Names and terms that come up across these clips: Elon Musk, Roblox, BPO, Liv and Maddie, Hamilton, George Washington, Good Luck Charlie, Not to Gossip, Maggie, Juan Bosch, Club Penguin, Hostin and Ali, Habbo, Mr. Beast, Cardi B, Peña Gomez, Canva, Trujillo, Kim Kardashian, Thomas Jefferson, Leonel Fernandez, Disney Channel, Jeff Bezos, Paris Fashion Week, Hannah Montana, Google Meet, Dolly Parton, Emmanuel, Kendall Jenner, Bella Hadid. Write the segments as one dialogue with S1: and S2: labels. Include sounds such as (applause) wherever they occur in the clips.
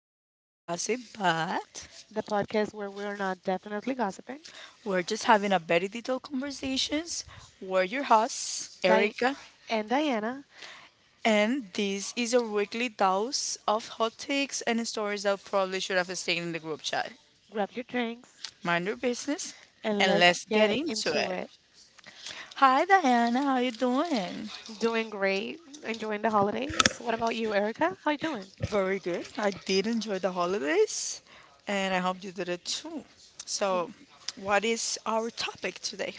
S1: to Not to Gossip, but
S2: the podcast where we're not definitely gossiping.
S1: we're just having a very detailed conversations. We're your hosts,
S2: Di-
S1: Erica,
S2: and Diana,
S1: and this is our weekly dose of hot takes and stories that probably should have stayed in the group chat.
S2: grab your drinks
S1: Mind your business,
S2: and
S1: and
S2: let's
S1: let's get
S2: get
S1: into
S2: into
S1: it.
S2: it.
S1: Hi, Diana. How you doing?
S2: Doing great, enjoying the holidays. What about you, Erica? How you doing?
S1: Very good. I did enjoy the holidays, and I hope you did it too.
S2: Y-
S1: So, what is our topic today?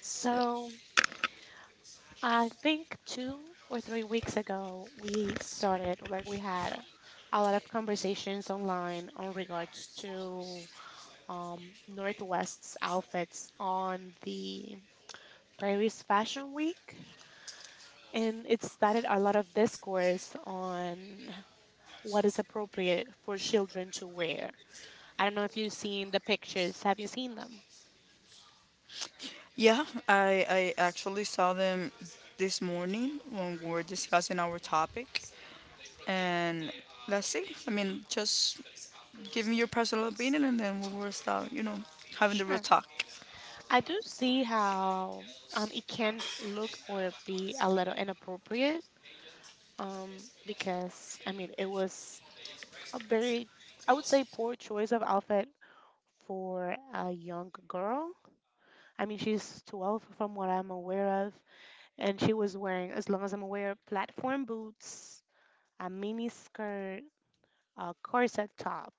S2: So, I think 2 or 3 weeks ago, we started, like, we had a lot of conversations online on regards to Northwest's outfits on the Paris Fashion Week. And it started a lot of discourse on what is appropriate for children to wear. I don't know if you've seen the pictures. Have you seen them?
S1: Yeah, I actually saw them this morning when we were discussing our topic. And let's see. I mean, just give me your personal opinion and then we will start, you know, having the real
S2: Sure.
S1: talk.
S2: I do see how it can look or be a little inappropriate because, I mean, it was a very, I would say, poor choice of outfit for a young girl. I mean, she's 12 from what I'm aware of, and she was wearing, as long as I'm aware, platform boots, a mini skirt, a corset top.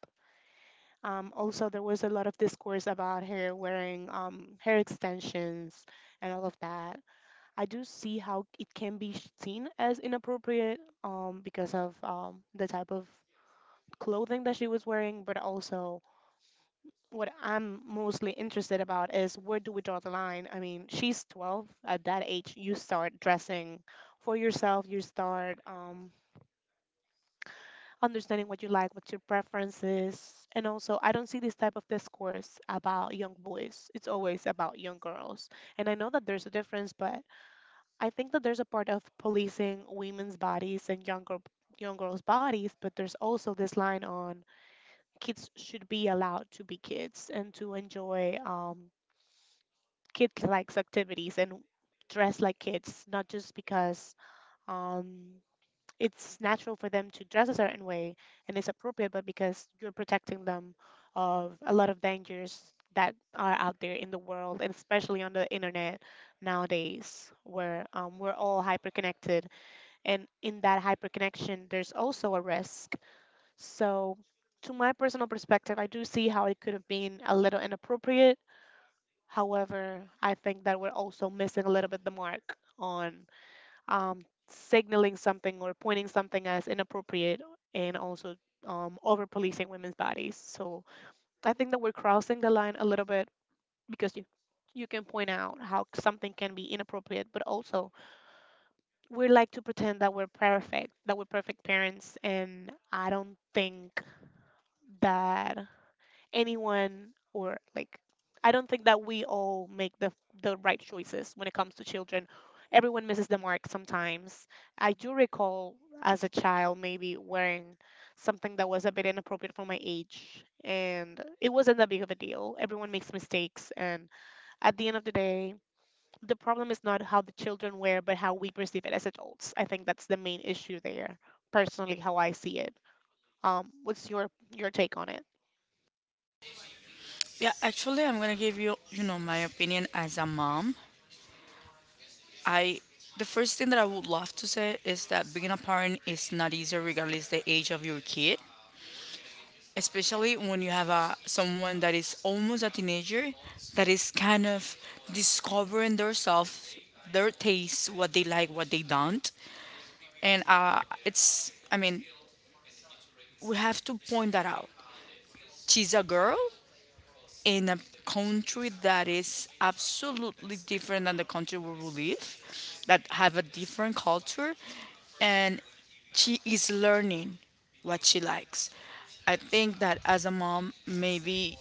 S2: Also, there was a lot of discourse about her wearing hair extensions and all of that. I do see how it can be seen as inappropriate because of the type of clothing that she was wearing, but also what I'm mostly interested about is, where do we draw the line? I mean, she's 12. At that age, you start dressing for yourself. You start understanding what you like, what's your preferences. And also, I don't see this type of discourse about young boys. It's always about young girls. And I know that there's a difference, but I think that there's a part of policing women's bodies and young girls' bodies, but there's also this line on kids should be allowed to be kids and to enjoy kid-like activities and dress like kids, not just because um, it's natural for them to dress a certain way and it's appropriate, but because you're protecting them of a lot of dangers that are out there in the world, and especially on the internet nowadays, where we're all hyperconnected. And in that hyperconnection, there's also a risk. So, to my personal perspective, I do see how it could have been a little inappropriate. However, I think that we're also missing a little bit the mark on um, signaling something or pointing something as inappropriate, and also over policing women's bodies. So I think that we're crossing the line a little bit because you can point out how something can be inappropriate, but also we like to pretend that we're perfect parents, and I don't think that anyone, or like, I don't think that we all make the right choices when it comes to children. Everyone misses the mark sometimes. I do recall, as a child, maybe wearing something that was a bit inappropriate for my age, and it wasn't that big of a deal. Everyone makes mistakes, and at the end of the day, the problem is not how the children wear but how we perceive it as adults. I think that's the main issue there. Personally, how I see it. What's your take on it?
S1: Yeah, actually, I'm going to give you, you know, my opinion as a mom. I the first thing that I would love to say is that being a parent is not easy regardless the age of your kid. Especially when you have a someone that is almost a teenager that is kind of discovering themselves their tastes what they like what they don't, and it's, I mean, we have to point that out. She's a girl in a country that is absolutely different than the country where we live, that have a different culture, and she is learning what she likes. I think that as a mom, maybe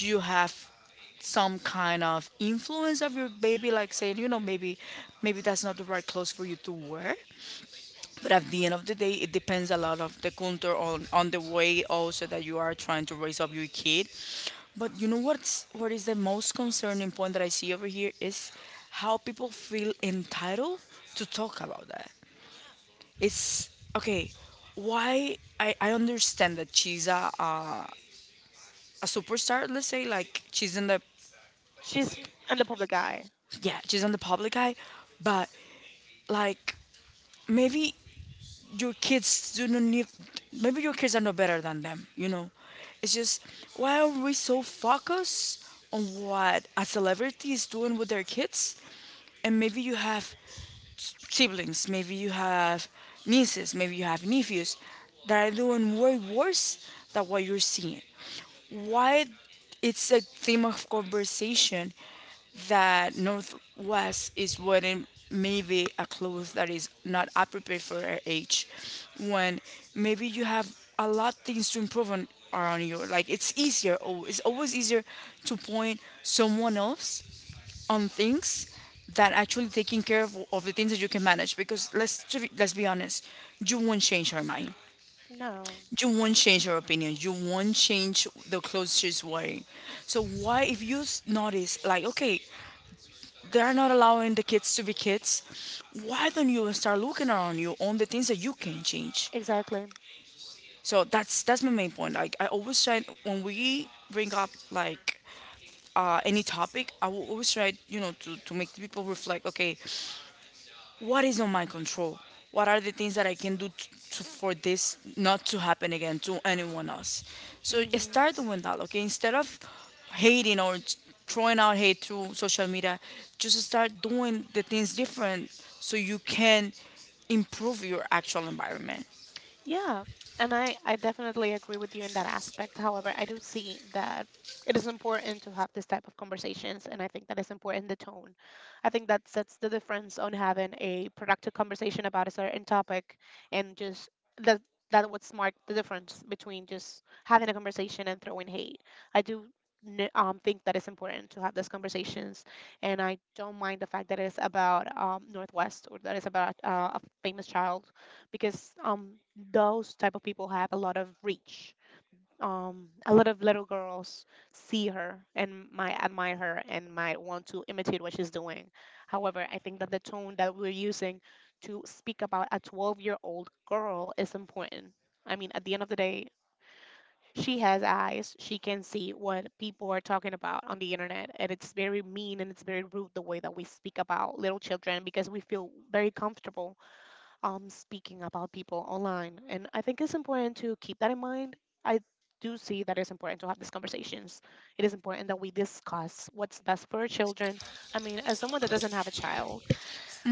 S1: you have some kind of influence of your baby, like saying, you know, maybe that's not the right clothes for you to wear, but at the end of the day, it depends a lot of the culture on the way also that you are trying to raise up your kid. But you know what is the most concerning point that I see over here is how people feel entitled to talk about that. It's okay. Why I understand that she's a superstar. Let's say like she's in the,
S2: She's in the public eye.
S1: yeah, she's on the public eye, but like maybe your kids do not need, maybe your kids are no better than them, you know, it's just why are we so focused on what a celebrity is doing with their kids. And maybe you have siblings, maybe you have nieces, maybe you have nephews that are doing way worse than what you're seeing. Why it's a theme of conversation that Northwest is wearing maybe a clothes that is not appropriate for her age, when maybe you have a lot things to improve on around you. Like it's always easier to point someone else on things than actually taking care of the things that you can manage, because let's be honest, you won't change her mind,
S2: No,
S1: you won't change her opinion, you won't change the clothes she's wearing. So why if you notice, like, okay, they're not allowing the kids to be kids. Why don't you start looking around you on the things that you can change?
S2: exactly.
S1: So that's my main point. Like I always try when we bring up like any topic, I will always try, you know, to make the people reflect. Okay, what is on my control? What are the things that I can do t to, for this not to happen again to anyone else? So
S2: Hmm.
S1: start doing that, okay? Instead of hating or throwing out hate through social media, just start doing the things different so you can improve your actual environment.
S2: Yeah, and I definitely agree with you in that aspect. However, I do see that it is important to have this type of conversations, and I think that is important, the tone. I think that sets the difference on having a productive conversation about a certain topic, and just that would mark the difference between just having a conversation and throwing hate. I do think that it's important to have those conversations, and I don't mind the fact that it's about Northwest, or that it's about a famous child, because those type of people have a lot of reach. A lot of little girls see her and might admire her and might want to imitate what she's doing. However, I think that the tone that we're using to speak about a 12-year-old girl is important. I mean, at the end of the day, she has eyes. She can see what people are talking about on the internet. And it's very mean and it's very rude, the way that we speak about little children, because we feel very comfortable speaking about people online. And I think it's important to keep that in mind. I do see that it's important to have these conversations. It is important that we discuss what's best for our children. I mean, as someone that doesn't have a child,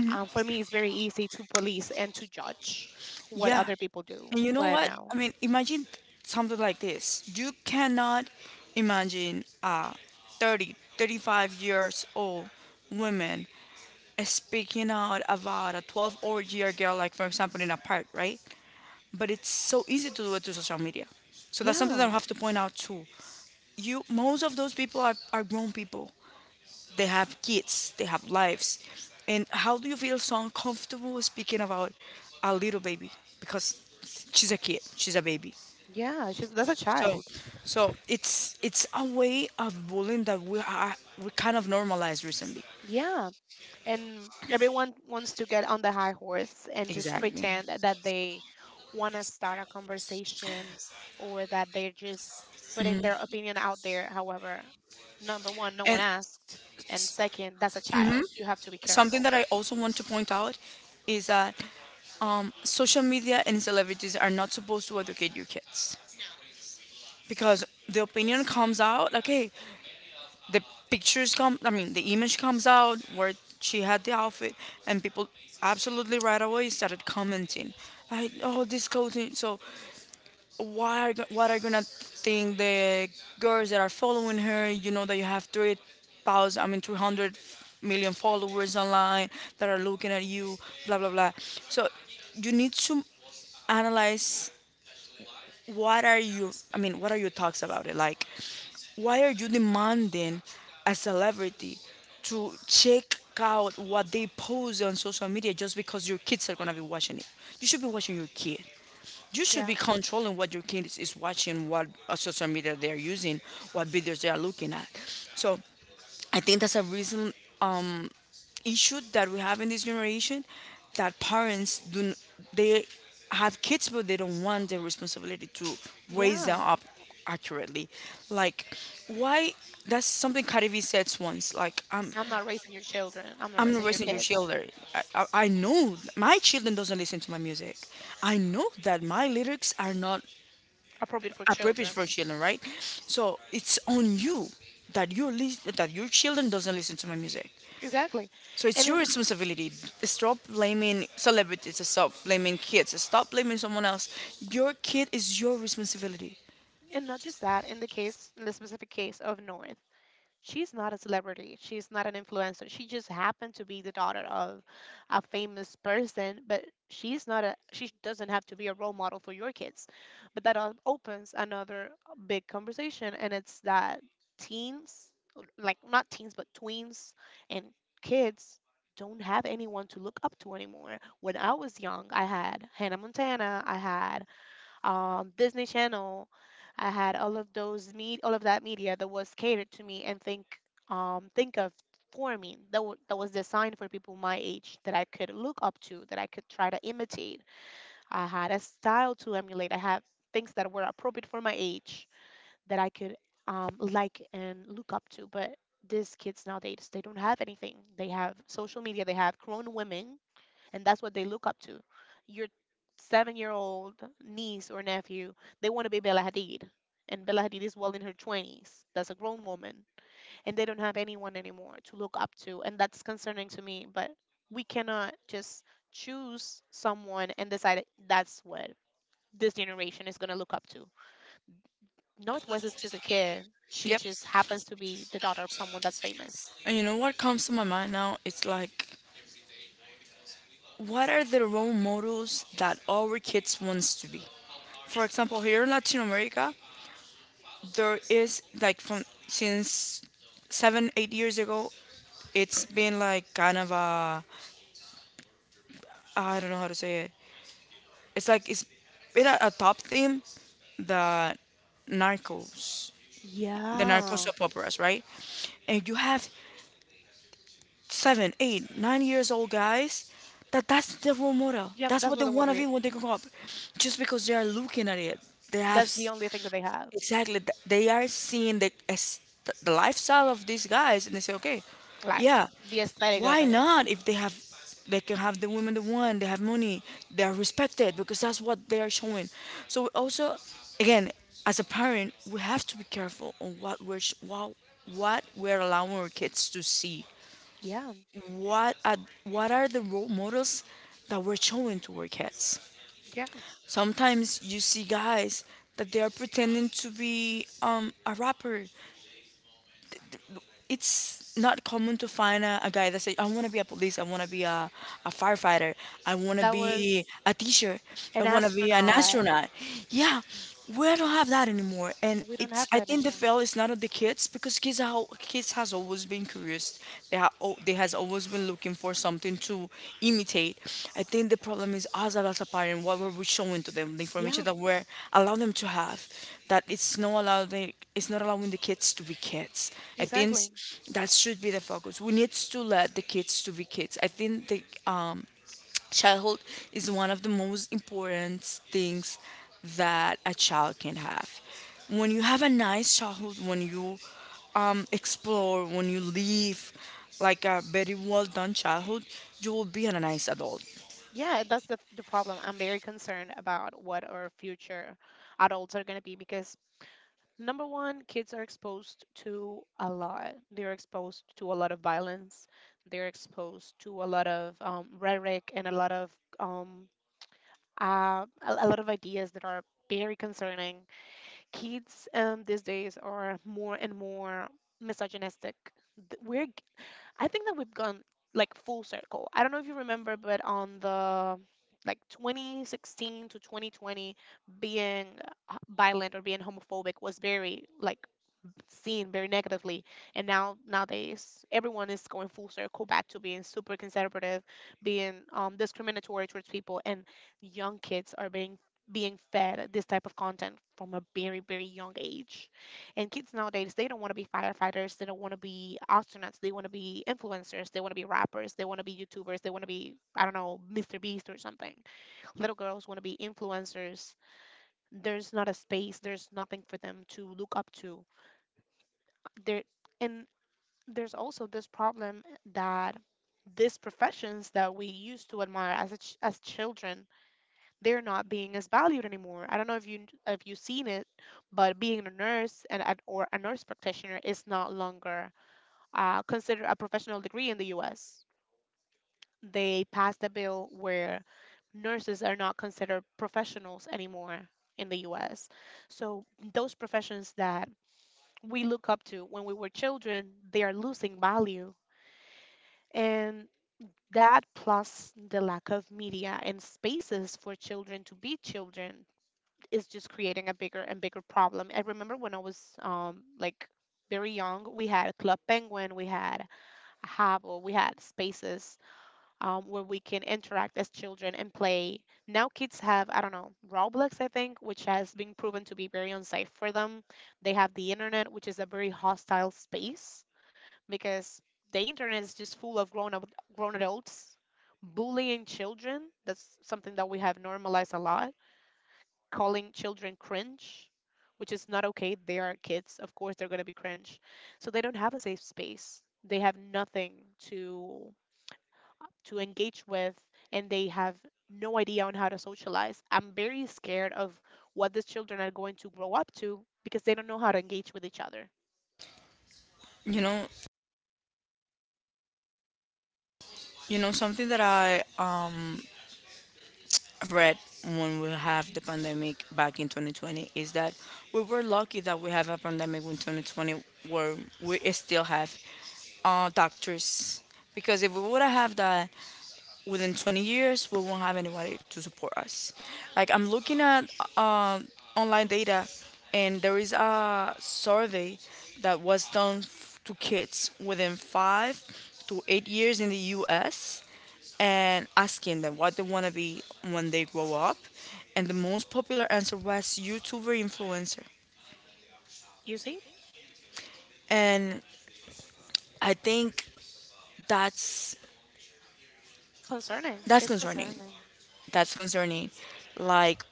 S2: for me, it's very easy to police and to judge what
S1: Yeah.
S2: other people do.
S1: And you know
S2: But
S1: what? I
S2: no.
S1: mean, imagine something like this. You cannot imagine a 30, 35 years old woman speaking out about a 12 or year girl, like for example in a park, right? But it's so easy to do it through social media. So that's something that
S2: Yeah,
S1: I have to point out too. You, most of those people are grown people. They have kids, they have lives. And how do you feel so uncomfortable speaking about a little baby? Because she's a kid, she's a baby.
S2: yeah, she's that's a
S1: So,
S2: child.
S1: so it's a way of bullying that we are, we kind of normalized recently.
S2: Yeah, and everyone wants to get on the high horse and just
S1: Exactly.
S2: pretend that they want to start a conversation or that they're just putting
S1: Mhm.
S2: their opinion out there. However, number one, no one
S1: And
S2: asked. And second, that's a
S1: mhm,
S2: child. You have to be
S1: something
S2: careful.
S1: that I also want to point out is that social media and celebrities are not supposed to educate your kids, because the opinion comes out. Okay, the pictures come. I mean, the image comes out where she had the outfit, and people absolutely right away started commenting. I, oh, this clothing. So why are what are gonna think the girls that are following her? You know that you have 3,000, I mean 300 million followers online that are looking at you, blah blah blah. So you need to analyze what are you. I mean, what are your thoughts about it? Like, why are you demanding a celebrity to check out what they post on social media just because your kids are gonna be watching it? You should be watching your kid, you should
S2: Yeah.
S1: be controlling what your kid is watching, what social media they are using, what videos they are looking at. So I think that's a reason issue that we have in this generation, that parents they have kids but they don't want the responsibility to raise them
S2: Yeah.
S1: up accurately. Like why, that's something Cardi B said once. Like I'm
S2: I'm not raising your children. I'm not
S1: I'm not
S2: raising your
S1: raising your
S2: kids.
S1: children. I know my children doesn't listen to my music. I know that my lyrics are not
S2: Appropriate for
S1: appropriate
S2: children.
S1: for children, right? So it's on you that your that your children doesn't listen to my music.
S2: Exactly.
S1: So it's
S2: And in,
S1: your responsibility. Stop blaming celebrities. Stop blaming kids. Stop blaming someone else. Your kid is your responsibility.
S2: and not just that, in the specific case of North. She's not a celebrity. She's not an influencer. She just happened to be the daughter of a famous person, but she's not a she doesn't have to be a role model for your kids. But that opens another big conversation, and it's that teens, like, not teens but tweens, and kids don't have anyone to look up to anymore. When I was young, I had Hannah Montana, I had Disney Channel. I had all of those meet all of that media that was catered to me, and think of for me, that that was designed for people my age that I could look up to, that I could try to imitate. I had a style to emulate. I had things that were appropriate for my age that I could like and look up to. But these kids nowadays, they don't have anything. They have social media. They have grown women, and that's what they look up to. Your 7-year-old old niece or nephew, they want to be Bella Hadid. And Bella Hadid is well in her 20s. That's a grown woman. And they don't have anyone anymore to look up to. And that's concerning to me. But we cannot just choose someone and decide that's what this generation is going to look up to. Northwest is just a kid. She
S1: Yep.
S2: just happens to be the daughter of someone that's famous.
S1: And you know what comes to my mind now? It's like, what are the role models that our kids wants to be? For example, here in Latin America, there is like from since seven, 8 years ago, it's been like kind of a, I don't know how to say it. It's like it's been a top theme, the narcos, the narco
S2: Yeah.
S1: soap operas, right? And you have seven, eight, 9 years old guys, that that's the role model.
S2: Yep,
S1: That's
S2: that's
S1: what they
S2: what they want
S1: want
S2: to
S1: to
S2: be.
S1: be when they grow up, just because they are looking at it. They have,
S2: That's the only thing that they have.
S1: exactly, they are seeing the, the lifestyle of these guys and they say okay, yeah,
S2: Lifestyle, the aesthetic of
S1: why
S2: it.
S1: not, if they have, they can have the women they want, they have money, they are respected because that's what they are showing. So also, again, as a parent we have to be careful on what we're what we're allowing our kids to see,
S2: Yeah,
S1: what are, what are the role models that we're showing to our kids.
S2: yeah,
S1: Sometimes you see guys that they are pretending to be a rapper. It's not common to find a guy that say, "I want to be a police. I want to be a firefighter. I want to
S2: that was
S1: be a teacher. I
S2: an
S1: want to be an
S2: astronaut.
S1: astronaut." Yeah, we don't have that anymore, and
S2: We don't
S1: it's.
S2: have
S1: I
S2: that
S1: think the
S2: anymore.
S1: fail is not on the kids because kids are kids, has always been curious. They have, they has always been looking for something to imitate. I think the problem is us as a parent, what were we showing to them, the
S2: Yeah,
S1: information that we're allowing them to have, that it's not allowing the kids to be kids. I think
S2: exactly.
S1: that should be the focus. We need to let the kids to be kids. I think the um childhood is one of the most important things that a child can have. When you have a nice childhood, when you explore, when you live like a very well done childhood, you will be a nice adult.
S2: Yeah, that's the problem. I'm very concerned about what our future adults are going to be because, number one, kids are exposed to a lot. They're exposed to a lot of violence, they're exposed to a lot of rhetoric, and a lot of um, ideas that are very concerning. Kids these days are more and more misogynistic. Th- We're, g- I think that we've gone, like, full circle. I don't know if you remember, but on the like 2016 to 2020, being violent or being homophobic was very, like, seen very negatively. And now, nowadays, everyone is going full circle back to being super conservative, being discriminatory towards people, and young kids are being fed this type of content from a very very young age. And kids nowadays, they don't want to be firefighters, they don't want to be astronauts, they want to be influencers, they want to be rappers, they want to be YouTubers, they want to be, I don't know, Mr. Beast or something. Little girls want to be influencers. There's not a space, there's nothing for them to look up to there. And there's also this problem, that these professions that we used to admire as as children, they're not being as valued anymore. I don't know if you've seen it, but being a nurse or a nurse practitioner is not longer considered a professional degree in the US. They passed a bill where nurses are not considered professionals anymore in the US. So those professions that we look up to when we were children, they are losing value. And that plus the lack of media and spaces for children to be children is just creating a bigger and bigger problem. I remember when I was like very young, we had Club Penguin, we had a Habbo, we had spaces where we can interact as children and play. Now kids have, I don't know, Roblox, I think, which has been proven to be very unsafe for them. They have the internet, which is a very hostile space because the internet is just full of grown adults bullying children. That's something that we have normalized a lot. Calling children cringe, which is not okay. They are kids. Of course, they're gonna be cringe. So they don't have a safe space. They have nothing to to engage with, and they have no idea on how to socialize. I'm very scared of what these children are going to grow up to because they don't know how to engage with each other.
S1: You know, you know, something that I read when we have the pandemic back in 2020, is that we were lucky that we have a pandemic in 2020 where we still have doctors, because if we would have had that within 20 years we won't have anybody to support us. Like I'm looking at uh, online data, and there is a survey that was done to kids within 5 to 8 years in the US and asking them what they want to be when they grow up, and the most popular answer was youtuber influencer.
S2: You see?
S1: And I think that's,
S2: Concerning.
S1: that's
S2: It's
S1: concerning
S2: concerning.
S1: that's concerning. Like,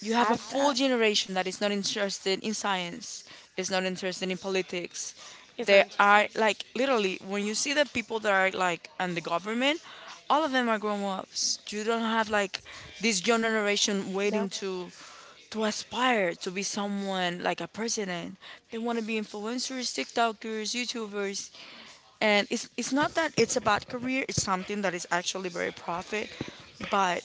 S1: you have a
S2: Add
S1: full
S2: that.
S1: generation that is not interested in science, is not interested in politics.
S2: He's not
S1: They
S2: interested.
S1: are like literally, when you see the people that are like in the government, all of them are grown ups. You don't have like this young generation waiting
S2: No.
S1: to aspire to be someone like a president. They want to be influencers, TikTokers, YouTubers. And it's not that it's a bad career, it's something that is actually very profit. But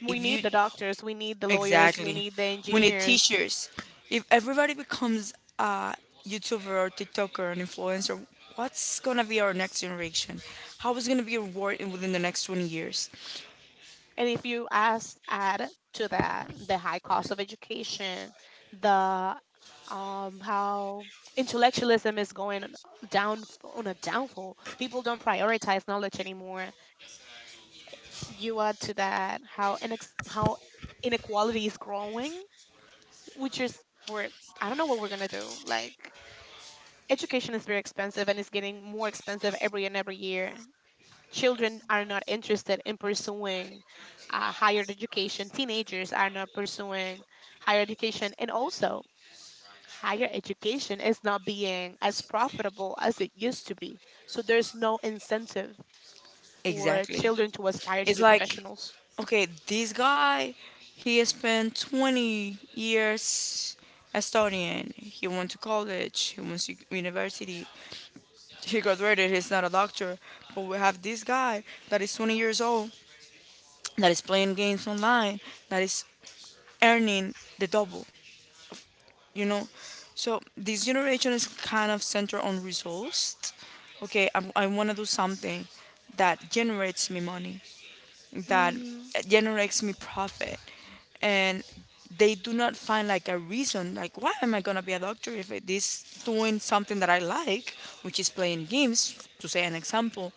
S2: We
S1: if
S2: need
S1: you,
S2: the doctors, we need the lawyers, we
S1: exactly,
S2: need the
S1: we need
S2: engineers.
S1: teachers. If everybody becomes a YouTuber or TikToker or an influencer, what's gonna be our next generation? How is gonna be reward within the next 20 years?
S2: And if you ask, add to that the high cost of education, the how intellectualism is going down on a downfall. People don't prioritize knowledge anymore. You add to that how how inequality is growing, which is we're I don't know what we're gonna do. Like education is very expensive and it's getting more expensive every and every year. Children are not interested in pursuing higher education. Teenagers are not pursuing higher education. And also, higher education is not being as profitable as it used to be. So there's no incentive for
S1: Exactly.
S2: children to aspire to
S1: It's
S2: be
S1: like,
S2: professionals.
S1: okay, this guy, he has spent 20 years studying. He went to college, he went to university, he graduated, he's not a doctor. But we have this guy that is 20 years old, that is playing games online, that is earning the double, you know? So this generation is kind of centered on results. Okay, I want to do something that generates me money, that
S2: Hmm.
S1: generates me profit, and they do not find like a reason, like why am I going to be a doctor if it is doing something that I like, which is playing games, to say an example.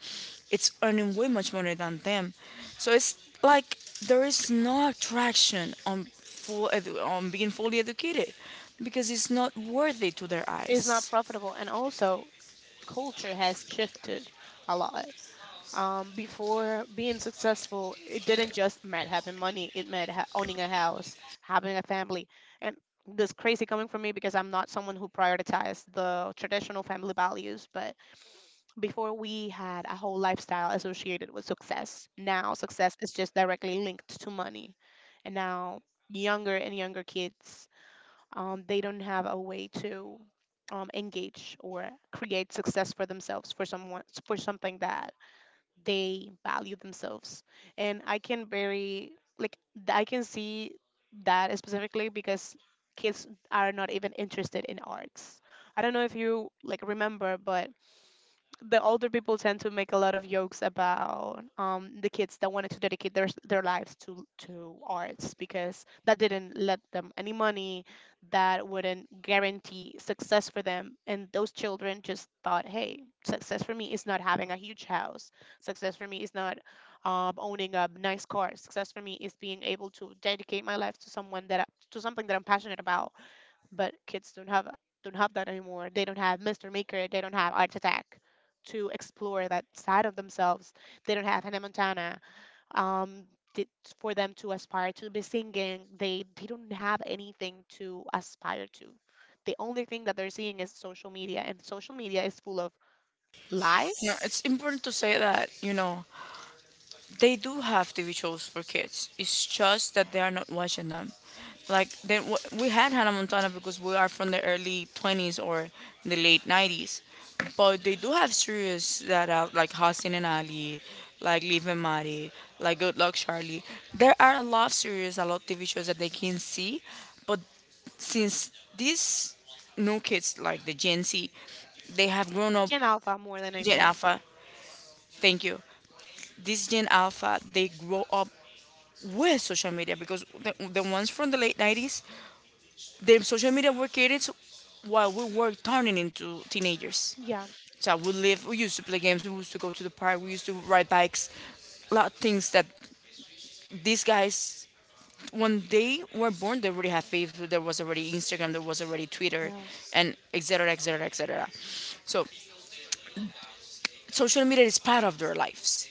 S1: It's earning way much money than them, so it's like there is no attraction on on being fully educated because it's not worthy to their
S2: It's
S1: eyes.
S2: not profitable. And also, culture has shifted a lot. Before being successful, it didn't just meant having money. It meant owning a house, having a family, and this crazy coming from me because I'm not someone who prioritized the traditional family values. But before we had a whole lifestyle associated with success. Now success is just directly linked to money, and now younger and younger kids, they don't have a way to engage or create success for themselves for someone for something that they value themselves. And I can very, like, I can see that specifically because kids are not even interested in arts. I don't know if you like remember, but the older people tend to make a lot of jokes about the kids that wanted to dedicate their lives to arts because that didn't let them any money, that wouldn't guarantee success for them, and those children just thought, hey, success for me is not having a huge house. Success for me is not owning a nice car. Success for me is being able to dedicate my life to someone that to something that I'm passionate about. But kids don't have, that anymore. They don't have Mr. Maker. They don't have Art Attack to explore that side of themselves. They don't have Hannah Montana, um, t- for them to aspire to be singing. They don't have anything to aspire to. The only thing that they're seeing is social media, and social media is full of
S1: You know,
S2: lies
S1: it's important to say that, you know, they do have TV shows for kids. It's just that they are not watching them. Like then we had Hannah Montana because we are from the early 20s or the late 90s, but they do have series that are like Hostin and Ali, like Liv and Maddie, like Good Luck Charlie. There are a lot of series, a lot of TV shows that they can see, but since these new kids like the Gen Z, they have grown up.
S2: and alpha more than
S1: Gen
S2: anything.
S1: Alpha. Thank you. This Gen Alpha, they grow up with social media because the ones from the late 90s, their social media were created while we were turning into teenagers.
S2: Yeah,
S1: So we used to play games, we used to go to the park, we used to ride bikes. A lot of things that these guys, when they were born, they already had Facebook, there was already Instagram, there was already Twitter,
S2: yeah,
S1: and etc. etc. etc. So social media is part of their lives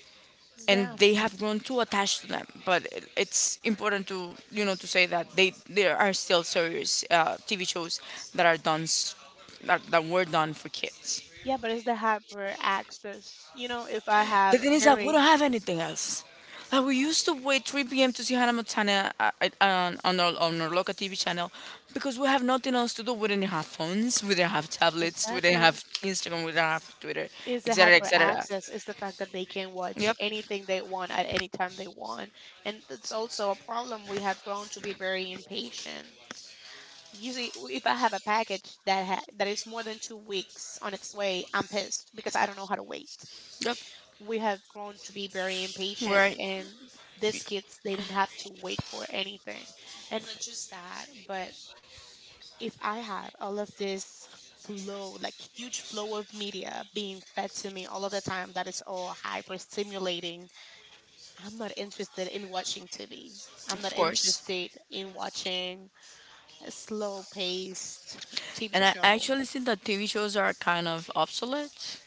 S1: and
S2: yeah,
S1: they have grown too attached to them. But it's important to, you know, to say that they there are still serious TV shows that that, that were done for kids.
S2: yeah. But it's the hyper access. You know, if I
S1: The
S2: have
S1: thing is that we
S2: very
S1: don't have anything else. Like we used to wait 3 p.m. to see Hannah Montana on our local TV channel because we have nothing else to do. We didn't have phones, we didn't have tablets, we didn't
S2: exactly
S1: have Instagram, we didn't have Twitter,
S2: is
S1: et
S2: the
S1: cetera, et
S2: hyper
S1: cetera.
S2: access, is the fact that they can watch
S1: Yep,
S2: anything they want at any time they want, and that's also a problem. We have grown to be very impatient. Usually, if I have a package that is more than two weeks on its way, I'm pissed because I don't know how to wait.
S1: yep,
S2: We have grown to be very impatient,
S1: right,
S2: and these kids, they don't have to wait for anything. And not just that, but if I had all of this flow, like huge flow of media being fed to me all of the time, that is all hyper stimulating, I'm not interested in watching TV. I'm not
S1: of course.
S2: interested in watching a slow paced TV
S1: And I
S2: show.
S1: actually think that TV shows are kind of obsolete.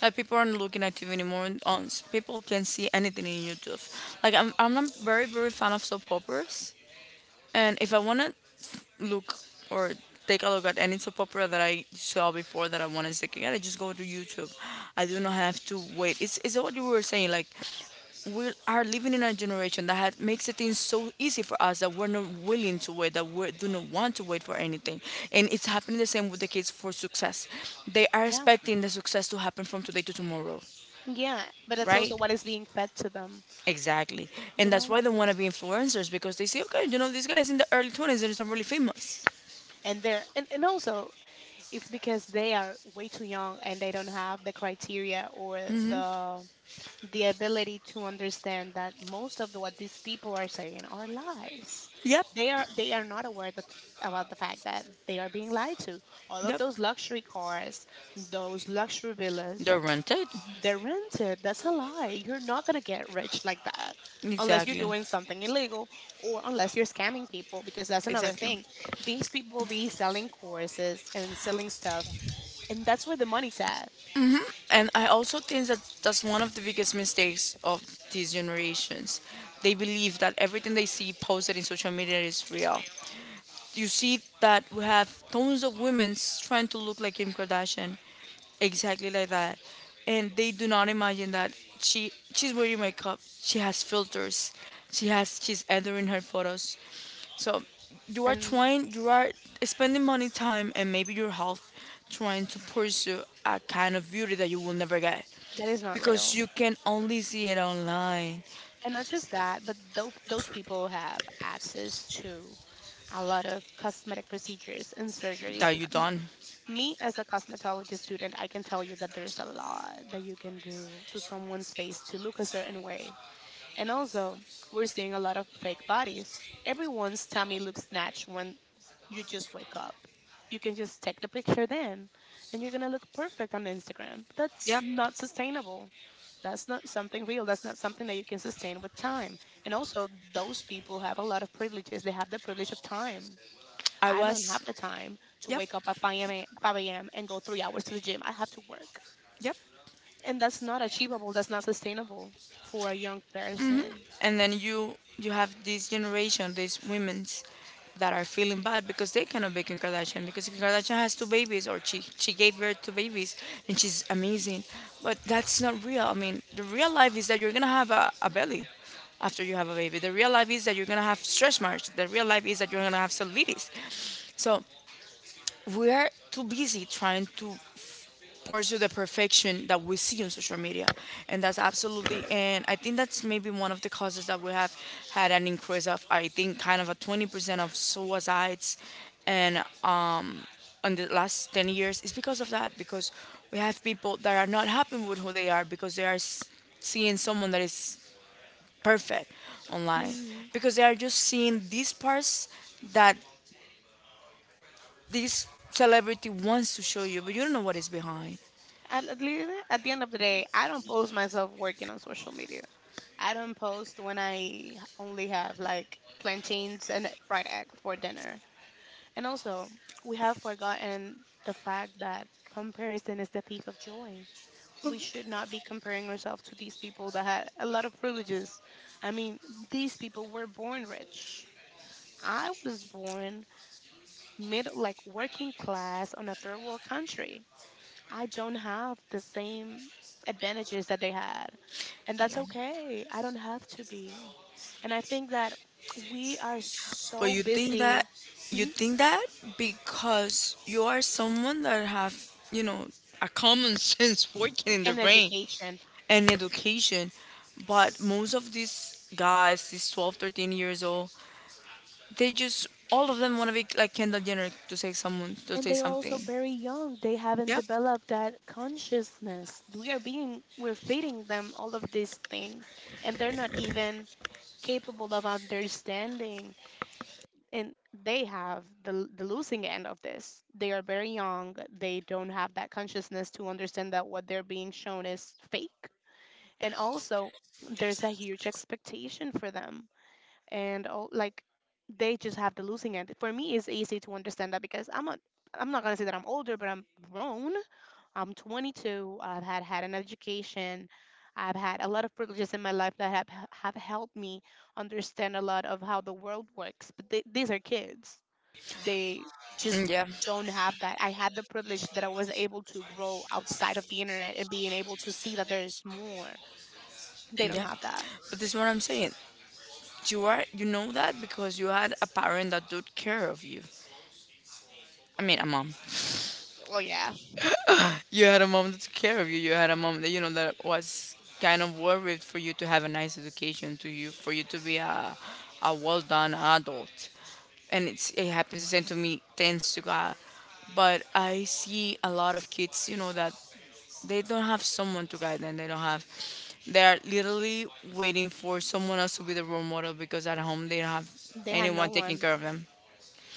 S1: Like people aren't looking at TV anymore. And on people can see anything in YouTube. Like I'm not very, very fan of soap operas. And if I wanna look or take a look at any soap opera that I saw before that I want to check again, I just go to YouTube. I do not have to wait. It's what you were saying. Like we are living in a generation that makes the things so easy for us that we're not willing to wait, that we do not want to wait for anything. And it's happening the same with the kids for success. They are
S2: Yeah.
S1: expecting the success to happen from today to tomorrow,
S2: Yeah. But that's
S1: right?
S2: also what is being fed to them,
S1: Exactly.
S2: you
S1: And that's
S2: know?
S1: why they want to be influencers because they say, okay, you know, this guy is in the early 20s and he's already famous.
S2: And they're, and also it's because they are way too young and they don't have the criteria or the the ability to understand that most of the, what these people are saying are lies.
S1: Yep,
S2: They are not aware that about the fact that they are being lied to. All of
S1: yep.
S2: those luxury cars, those luxury villas,
S1: They're rented.
S2: they're rented. That's a lie. You're not gonna get rich like that unless you're
S1: Exactly.
S2: doing something illegal or unless you're scamming people because that's another
S1: Exactly.
S2: thing. These people be selling courses and selling stuff and that's where the money's at.
S1: And I also think that that's one of the biggest mistakes of these generations. They believe that everything they see posted in social media is real. You see that we have tons of women trying to look like Kim Kardashian, exactly like that. And they do not imagine that she's wearing makeup, she has filters, she's editing her photos, so you are
S2: And
S1: trying, you are spending money, time, and maybe your health trying to pursue a kind of beauty that you will never get
S2: that is not
S1: because
S2: real.
S1: you can only see it online,
S2: And not just that, but those people have access to a lot of cosmetic procedures and surgeries.
S1: that you
S2: M-
S1: done.
S2: Me, as a cosmetology student, I can tell you that there's a lot that you can do to someone's face to look a certain way. And also, we're seeing a lot of fake bodies. Everyone's tummy looks snatched when you just wake up. You can just take the picture then, and you're gonna look perfect on Instagram. That's
S1: Yep,
S2: not sustainable. That's not something real. That's not something that you can sustain with time. And also, those people have a lot of privileges. They have the privilege of time.
S1: I
S2: I don't
S1: was.
S2: have the time to
S1: Yep,
S2: wake up at 5 a.m. 5 a.m. and go three hours to the gym. I have to work.
S1: yep.
S2: And that's not achievable. That's not sustainable for a young person.
S1: And then you have this generation, these women's that are feeling bad because they cannot be Kim Kardashian because Kim Kardashian has two babies, or she gave birth to babies and she's amazing, but that's not real. I mean, the real life is that you're gonna have a belly after you have a baby. The real life is that you're gonna have stretch marks. The real life is that you're gonna have cellulitis. So we are too busy trying to pursue the perfection that we see on social media, and that's absolutely, and I think that's maybe one of the causes that we have had an increase of, I think, kind of a 20% of suicides, and in the last 10 years. It's because of that, because we have people that are not happy with who they are because they seeing someone that is perfect online
S2: Mhm.
S1: because they are just seeing these parts that this celebrity wants to show you, but you don't know what is behind.
S2: At the end of the day, I don't post myself working on social media. I don't post when I only have like plantains and fried egg for dinner. And also, we have forgotten the fact that comparison is the thief of joy. We should not be comparing ourselves to these people that had a lot of privileges. I mean, these people were born rich. I was born mid, like working class on a third world country. I don't have the same advantages that they had. And that's
S1: Yeah.
S2: okay. I don't have to be. And I think that we are
S1: But
S2: so busy.
S1: you
S2: Mhm.
S1: think that because you are someone that have, you know, a common (laughs) sense working in their
S2: In
S1: brain
S2: education.
S1: and education. But most of these guys, these 12, 13 years old, they just all of them want to be like Kendall Jenner, to say someone to
S2: And
S1: say
S2: they are also
S1: something.
S2: very young. They haven't
S1: Yep.
S2: developed that consciousness. We're feeding them all of these things. And they're not even capable of understanding, and they have the losing end of this. They are very young. They don't have that consciousness to understand that what they're being shown is fake. And also, there's a huge expectation for them, and all, like, they just have the losing end. For me, it's easy to understand that because I'm a, I'm not gonna say that I'm older, but I'm grown. I'm 22. I've had an education. I've had a lot of privileges in my life that have helped me understand a lot of how the world works. But they, these are kids, they just
S1: Mm, yeah.
S2: don't have that. I had the privilege that I was able to grow outside of the internet and being able to see that there's more. They don't
S1: Yeah.
S2: have that.
S1: But this is what I'm saying. You are you know that because you had a parent that took care of you. I mean, a mom.
S2: Well, yeah,
S1: You had a mom that took care of you. You had a mom that, you know, that was kind of worried for you to have a nice education, to you for you to be a well done adult. And it happens the same to me, thanks to God. But I see a lot of kids, you know, that they don't have someone to guide them. They don't have. They are literally waiting for someone else to be the role model because at home they don't have
S2: they had no
S1: anyone taking
S2: one.
S1: care of them,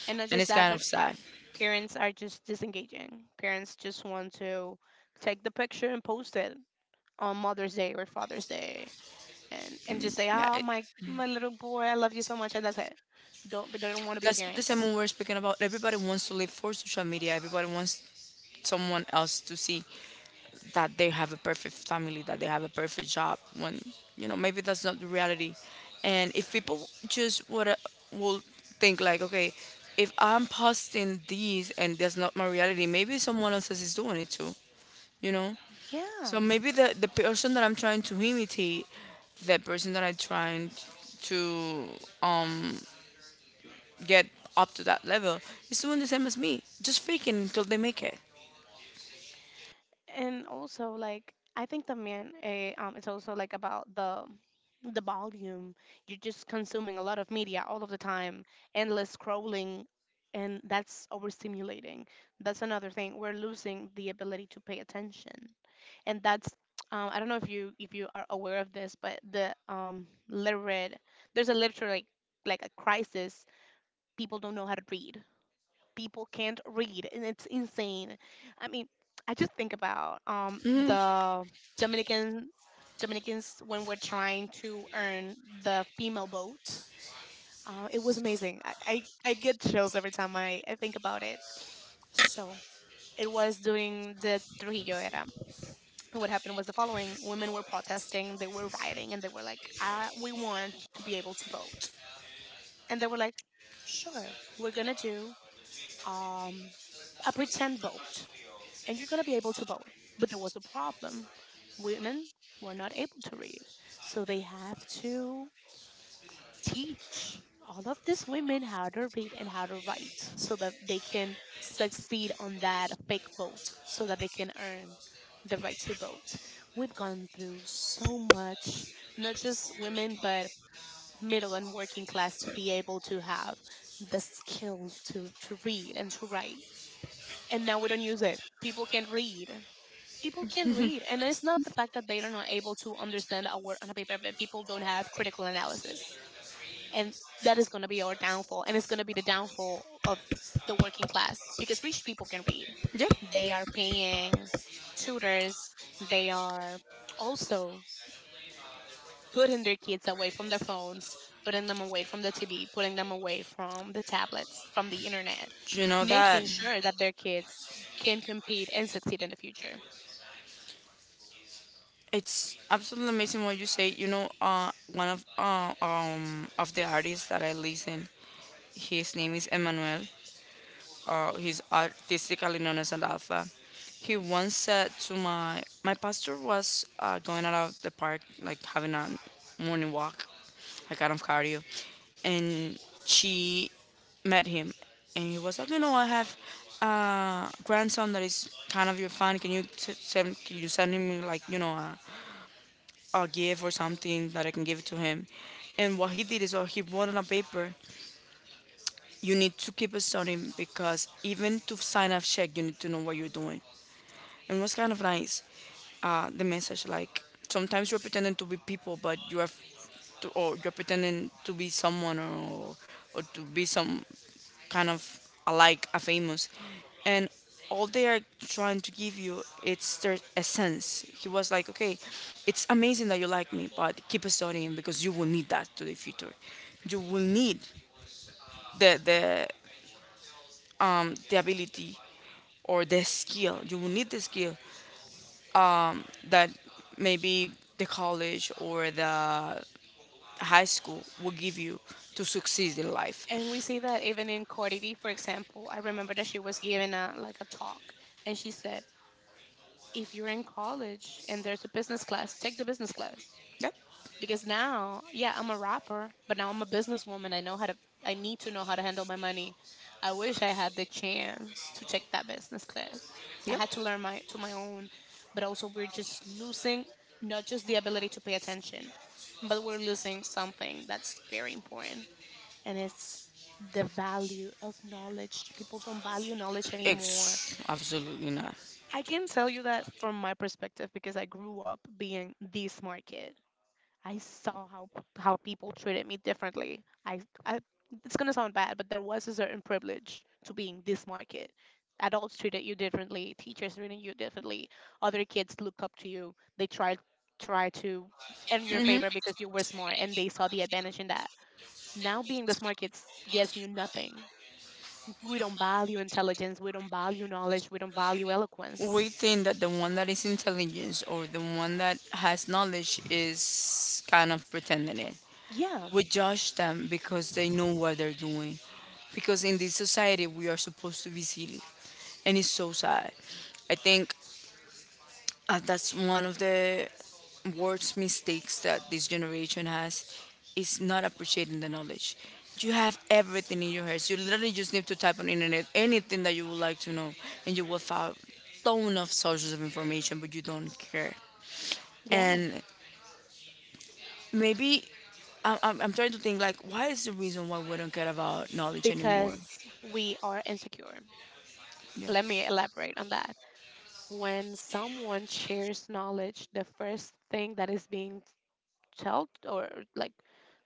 S2: And not
S1: and
S2: just
S1: it's
S2: that,
S1: kind
S2: but
S1: of sad.
S2: parents are just disengaging. Parents just want to take the picture and post it on Mother's Day or Father's Day and just
S1: Mm,
S2: say,
S1: yeah,
S2: oh, my,
S1: mm.
S2: my little boy, I love you so much. And that's it. Don't, but they don't want to be
S1: That's the same
S2: parents.
S1: one we're speaking about. Everybody wants to live for social media. Everybody wants someone else to see that they have a perfect family, that they have a perfect job. When, you know, maybe that's not the reality. And if people just would will think like, okay, if I'm posting these and that's not my reality, maybe someone else is doing it too. You know. So
S2: Yeah.
S1: maybe the person that I'm trying to imitate, that person that I'm trying to um, get up to that level is doing the same as me, just faking until they make it.
S2: And also, like, I think the man it's also like about the volume. You're just consuming a lot of media all of the time, endless scrolling, and that's overstimulating. That's another thing, we're losing the ability to pay attention. And that's I don't know if you, if you are aware of this, but there's a literature, like a crisis. People don't know how to read. People can't read, and it's insane. I mean, I just think about
S1: Hmm.
S2: the Dominican Dominicans when we're trying to earn the female vote. It was amazing. I get chills every time I think about it. So it was during the Trujillo era. And what happened was the following: women were protesting, they were rioting, and they were like, "We want to be able to vote." And they were like, "Sure, we're gonna do um, a pretend vote," and you're going to be able to vote. But there was a problem. Women were not able to read. So they have to teach all of these women how to read and how to write so that they can succeed on that fake vote, so that they can earn the right to vote. We've gone through so much, not just women, but middle and working class to be able to have the skill to read and to write. And now we don't use it. People can't read, people can read, and it's not the fact that they are not able to understand a word on a paper, but people don't have critical analysis. And that is going to be our downfall, and it's going to be the downfall of the working class, because rich people can read.
S1: Yeah,
S2: They are paying tutors. They are also putting their kids away from their phones, putting them away from the TV, putting them away from the tablets, from the internet,
S1: you know that
S2: making sure that their kids can compete and succeed in the future.
S1: it's absolutely amazing what you say. You know, one of the artists that I listen, his name is Emmanuel, or his artistically known as an. He once said to my pastor was going out of the park, like having a morning walk, like kind of cardio, and she met him, and he was like, you know, I have a grandson that is kind of your fan. Can you s- send can you send him, like, you know, a gift or something that I can give it to him? And what he did is, he wrote on a paper, you need to keep it studying because even to sign off check you need to know what you're doing. And what's kind of nice, the message, like, sometimes you're pretending to be people, but you have, to, or you're pretending to be someone, or to be some kind of alike a famous, and all they are trying to give you it's their essence. He was like, okay, it's amazing that you like me, but keep studying because you will need that to the future. You will need the the the ability or the skill. You will need the skill that maybe the college or the high school will give you to succeed in life.
S2: And we see that even in Cardi B, for example. I remember that she was giving a, like, a talk, and she said, if you're in college and there's a business class, take the business class. Because now, yeah, I'm a rapper, but now I'm a businesswoman. I need to know how to handle my money. I wish I had the chance to take that business class. I
S1: Yep. Yep.
S2: had to learn my to my own, but also we're just losing not just the ability to pay attention, but we're losing something that's very important, and it's the value of knowledge. People don't value knowledge anymore.
S1: Absolutely not.
S2: I can tell you that from my perspective, because I grew up being the smart kid. I saw how people treated me differently. I— it's gonna sound bad, but there was a certain privilege to being the smart kid. Adults treated you differently, teachers treated you differently, other kids looked up to you. They tried try to earn your favor because you were smart and they saw the advantage in that. Now being the smart kids gets you nothing. We don't value intelligence. We don't value knowledge. We don't value eloquence.
S1: We think that the one that is intelligent or the one that has knowledge is kind of pretending it.
S2: Yeah,
S1: We judge them because they know what they're doing. Because in this society, we are supposed to be silly. And it's so sad. I think that's one of the worst mistakes that this generation has is not appreciating the knowledge. You have everything in your hands. You literally just need to type on internet anything that you would like to know, and you will find ton of sources of information, but you don't care.
S2: yeah,
S1: And maybe I'm trying to think like, why is the reason why we don't care about knowledge anymore?
S2: because we are insecure.
S1: Yeah,
S2: Let me elaborate on that. When someone shares knowledge, the first thing that is being told, or, like,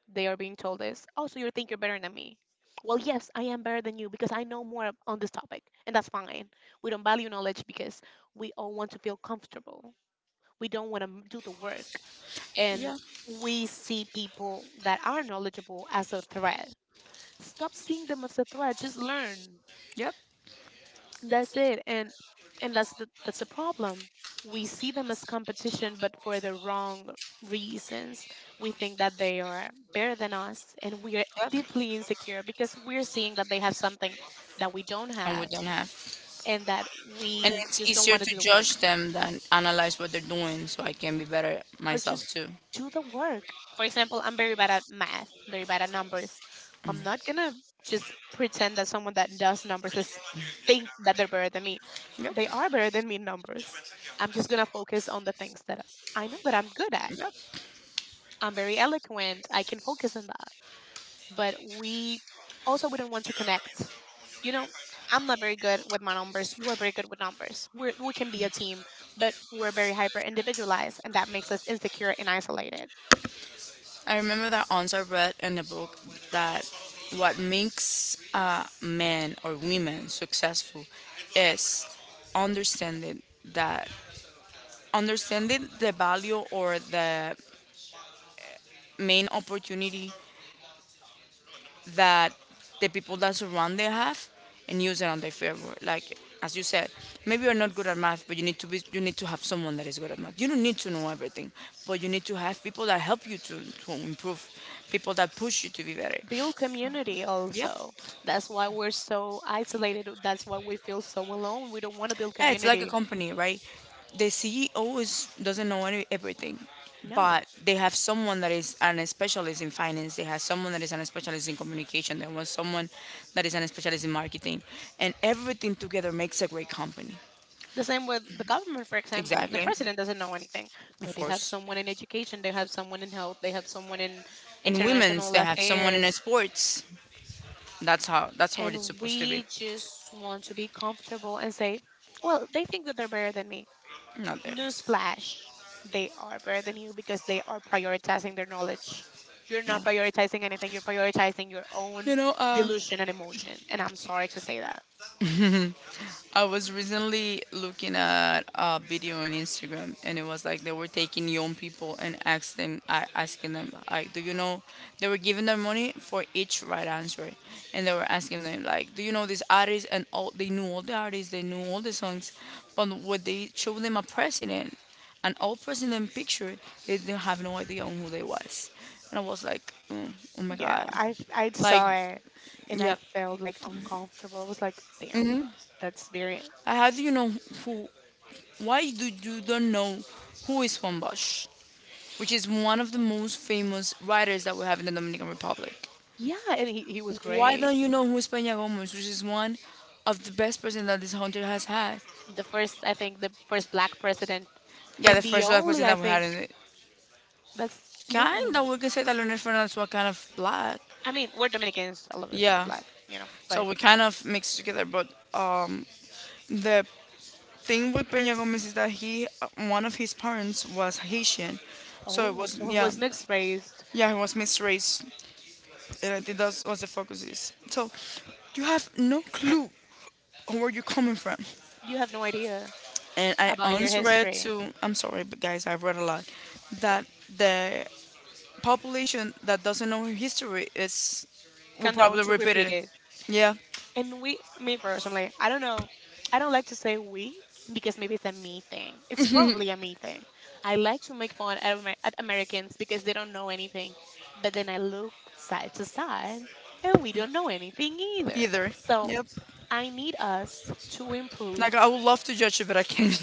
S2: they are being told, is, oh, so you think you're better than me. Well, yes, I am better than you because I know more on this topic, and that's fine. We don't value knowledge because we all want to feel comfortable. We don't want to do the work. And
S1: yeah,
S2: we see people that are knowledgeable as a threat. Stop seeing them as a threat. Just learn.
S1: yep.
S2: That's it. And that's
S1: The,
S2: a problem. We see them as competition, but for the wrong reasons. We think that they are better than us, and we are
S1: we're yep.
S2: deeply insecure because we're seeing that they have something that we don't
S1: And we
S2: have,
S1: don't have.
S2: and that
S1: And
S2: we
S1: it's
S2: just don't
S1: easier
S2: want to
S1: to
S2: do the work.
S1: judge them than analyze what they're doing so I can be better
S2: Or
S1: myself
S2: just
S1: too.
S2: do the work. For example, I'm very bad at math, very bad at numbers. I'm not gonna just pretend that someone that does numbers is— think that they're better than me.
S1: Yep.
S2: They are better than me in numbers. I'm just gonna focus on the things that I know that I'm good at.
S1: Yep.
S2: I'm very eloquent. I can focus on that. But we also wouldn't want to connect. You know, I'm not very good with my numbers. You are very good with numbers. We can be a team, but we're very hyper individualized, and that makes us insecure and isolated.
S1: I remember that once I read in a book that what makes men or women successful is understanding that understanding the value or the main opportunity that the people that surround them have and use it on their favor. Like as you said, maybe you're not good at math, but you need to have someone that is good at math. You don't need to know everything, but you need to have people that help you to improve, people that push you to be better.
S2: Build community
S1: Yep.
S2: also. That's why we're so isolated. That's why we feel so alone. We don't want to build
S1: Yeah, it's like a
S2: community.
S1: company, right? The CEO is doesn't know everything,
S2: No.
S1: but they have someone that is an specialist in finance. They have someone that is an specialist in communication. There was someone that is an specialist in marketing, and everything together makes a great company.
S2: The same with the government, for example. The
S1: Exactly.
S2: president doesn't know anything, but
S1: Of
S2: they have
S1: course.
S2: someone in education, they have someone in health, they have someone in
S1: In women's,
S2: international
S1: they have someone in
S2: affairs.
S1: sports. That's how it's
S2: And
S1: supposed to be.
S2: we just want to be comfortable and say, well, they think that they're better than me.
S1: Not there.
S2: Newsflash, they are better than you because they are prioritizing their knowledge. You're
S1: No.
S2: not prioritizing anything, you're prioritizing your own
S1: You know, uh,
S2: delusion and emotion. And I'm sorry to say that.
S1: I was recently looking at a video on Instagram, and it was like they were taking young people and asked them, I asking them, like, do you know? They were giving them money for each right answer, and they were asking them, like, do you know this artist? And all they knew all the artists, they knew all the songs, but when they showed them a president, an old president picture, they didn't have no idea on who they was, and I was like, mm, oh my
S2: Yeah,
S1: god,
S2: I, I
S1: like,
S2: saw it, and I
S1: yeah.
S2: felt like uncomfortable. I was like, damn,
S1: Hmm.
S2: that's very.
S1: Like, how do you know who Why do you don't know who is Juan Bosch, which is one of the most famous writers that we have in the Dominican Republic?
S2: Yeah, and he was
S1: Why
S2: great.
S1: don't you know who is Peña Gomez, which is one of the best presidents that this country has had?
S2: The first, I think, the first black president,
S1: Yeah, the
S2: and the
S1: first black
S2: only,
S1: president
S2: I
S1: that we had in
S2: think,
S1: it.
S2: that's the
S1: Kind
S2: only.
S1: of, we can say that Leonel Fernandez was kind of black.
S2: I mean, we're Dominicans, all of us are
S1: Yeah,
S2: black, you know,
S1: so
S2: but
S1: we kind of mixed together. But the thing with Peña Gomez is that one of his parents was Haitian, so it
S2: oh,
S1: was
S2: so it
S1: yeah,
S2: was mixed race.
S1: yeah, he was mixed race. And I think that's what the focus is. So you have no clue on where you're coming from.
S2: You have no idea
S1: And I
S2: about your
S1: once read
S2: history.
S1: to I'm sorry, but guys, I've read a lot that the population that doesn't know history is will
S2: Condone
S1: probably
S2: to
S1: repeat
S2: repeat
S1: it.
S2: it.
S1: Yeah.
S2: And we, me personally, I don't know. I don't like to say we because maybe it's a me thing. It's probably a me thing. I like to make fun at, at Americans because they don't know anything. But then I look side to side, and we don't know anything either.
S1: Either.
S2: So
S1: Yep.
S2: I need us to improve—
S1: Like I would love to judge it, but I can't.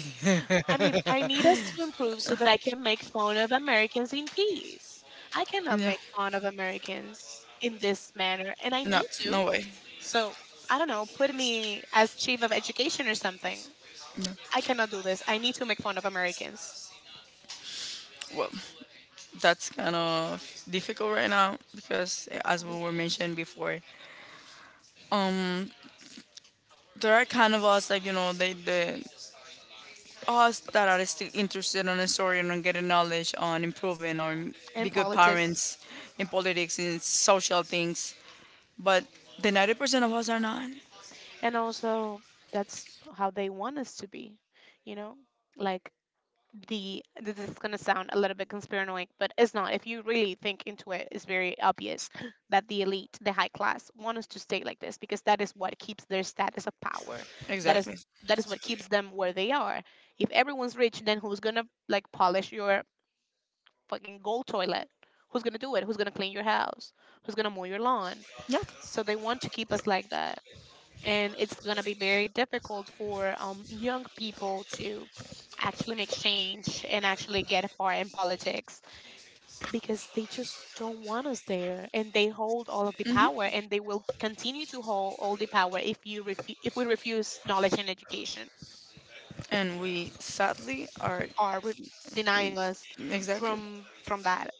S2: I mean, I need us to improve so that I can make fun of Americans in peace. I cannot
S1: Yeah.
S2: make fun of Americans in this manner, and I
S1: No,
S2: need to.
S1: no way.
S2: So, I don't know, put me as chief of education or something.
S1: No.
S2: I cannot do this. I need to make fun of Americans.
S1: Well, that's kind of difficult right now because, as we
S2: This-
S1: were mentioned before, um, there are kind of us like the us that are still interested on a story and on getting knowledge on improving on
S2: in
S1: be good
S2: politics.
S1: parents in politics in social things, but the 90% of us are not.
S2: And also, that's how they want us to be, you know? Like, the this is going to sound a little bit conspiranoid, but it's not. If you really think into it, it's very obvious (gasps) that the elite, the high class, want us to stay like this because that is what keeps their status of power. that is
S1: Exactly.
S2: that is what keeps them where they are. If everyone's rich, then who's going to, like, polish your fucking gold toilet? Who's going to do it? Who's going to clean your house? Who's going to mow your lawn?
S1: Yep.
S2: So they want to keep us like that, and it's going to be very difficult for young people to actually make change and actually get far in politics, because they just don't want us there, and they hold all of the
S1: Mm-hmm.
S2: power, and they will continue to hold all the power if we refuse knowledge and education,
S1: And we sadly are
S2: or re- denying us
S1: exactly.
S2: from that.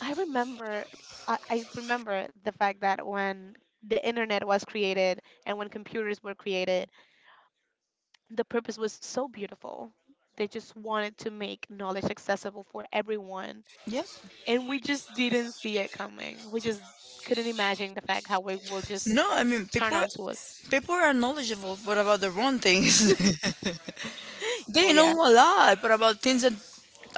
S2: I remember I, I remember the fact that when the internet was created and when computers were created, the purpose was so beautiful. They just wanted to make knowledge accessible for everyone.
S1: Yeah.
S2: And we just didn't see it coming. We just couldn't imagine the fact how it will just
S1: No, I mean,
S2: turn
S1: people
S2: on to us.
S1: people are knowledgeable, but about the wrong things. (laughs) They
S2: Well,
S1: know
S2: yeah,
S1: a lot but about things that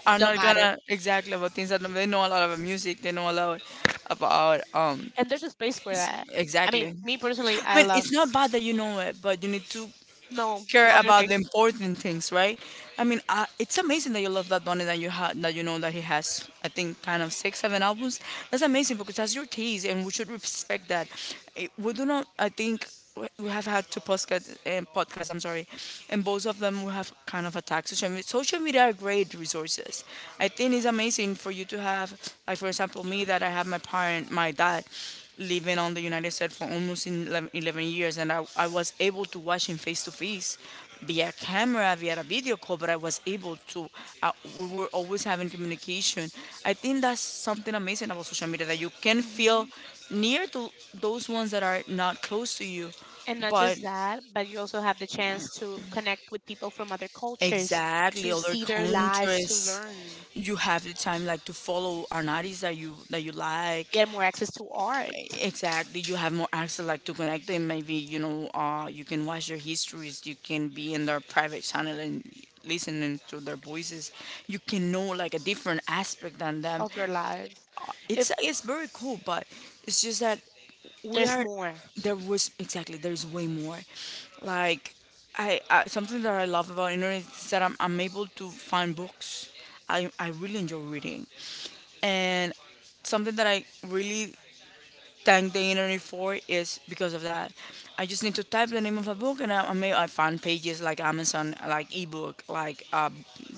S1: are
S2: the
S1: not
S2: matter.
S1: gonna exactly, about things that they know a lot about music, they know a lot about
S2: And there's a space for that. I
S1: exactly.
S2: mean, me personally,
S1: I
S2: I
S1: mean,
S2: love
S1: it's not bad that you know it, but you need to
S2: no
S1: care
S2: other
S1: about the
S2: things.
S1: important things, right? I mean, it's amazing that you love that Bunny that you had that you know that he has. I think kind of six, seven albums. That's amazing because that's your taste, and we should respect that. We do not. I think we have had two podcasts. I'm sorry, and both of them we have kind of attacked social media. Social media are great resources. I think it's amazing for you to have, like for example, me that I have my dad living on the United States for almost 11 eleven years, and I was able to watch him face to face via camera, via a video call, but I was uh, we were always having communication. I think that's something amazing about social media, that you can feel
S2: Hmm.
S1: near to those ones that are not close to you,
S2: And not
S1: but
S2: just that, but you also have the chance to connect with people from other cultures,
S1: exactly,
S2: to
S1: other
S2: see their lives, to
S1: countries.
S2: learn,
S1: You have the time like to follow an artist that you like,
S2: get more access to art
S1: exactly. You have more access, like, to connect them, maybe you can watch their histories, you can be in their private channel and listening to their voices. You can know like a different aspect than them.
S2: of their lives. If
S1: It's very cool, but it's just that we
S2: There's
S1: are
S2: more.
S1: there was exactly, there's way more. Like, I something that I love about internet is that I'm able to find books. I really enjoy reading, and something that I really thank the internet for is because of that. I just need to type the name of a book, and I find pages like Amazon, like ebook, like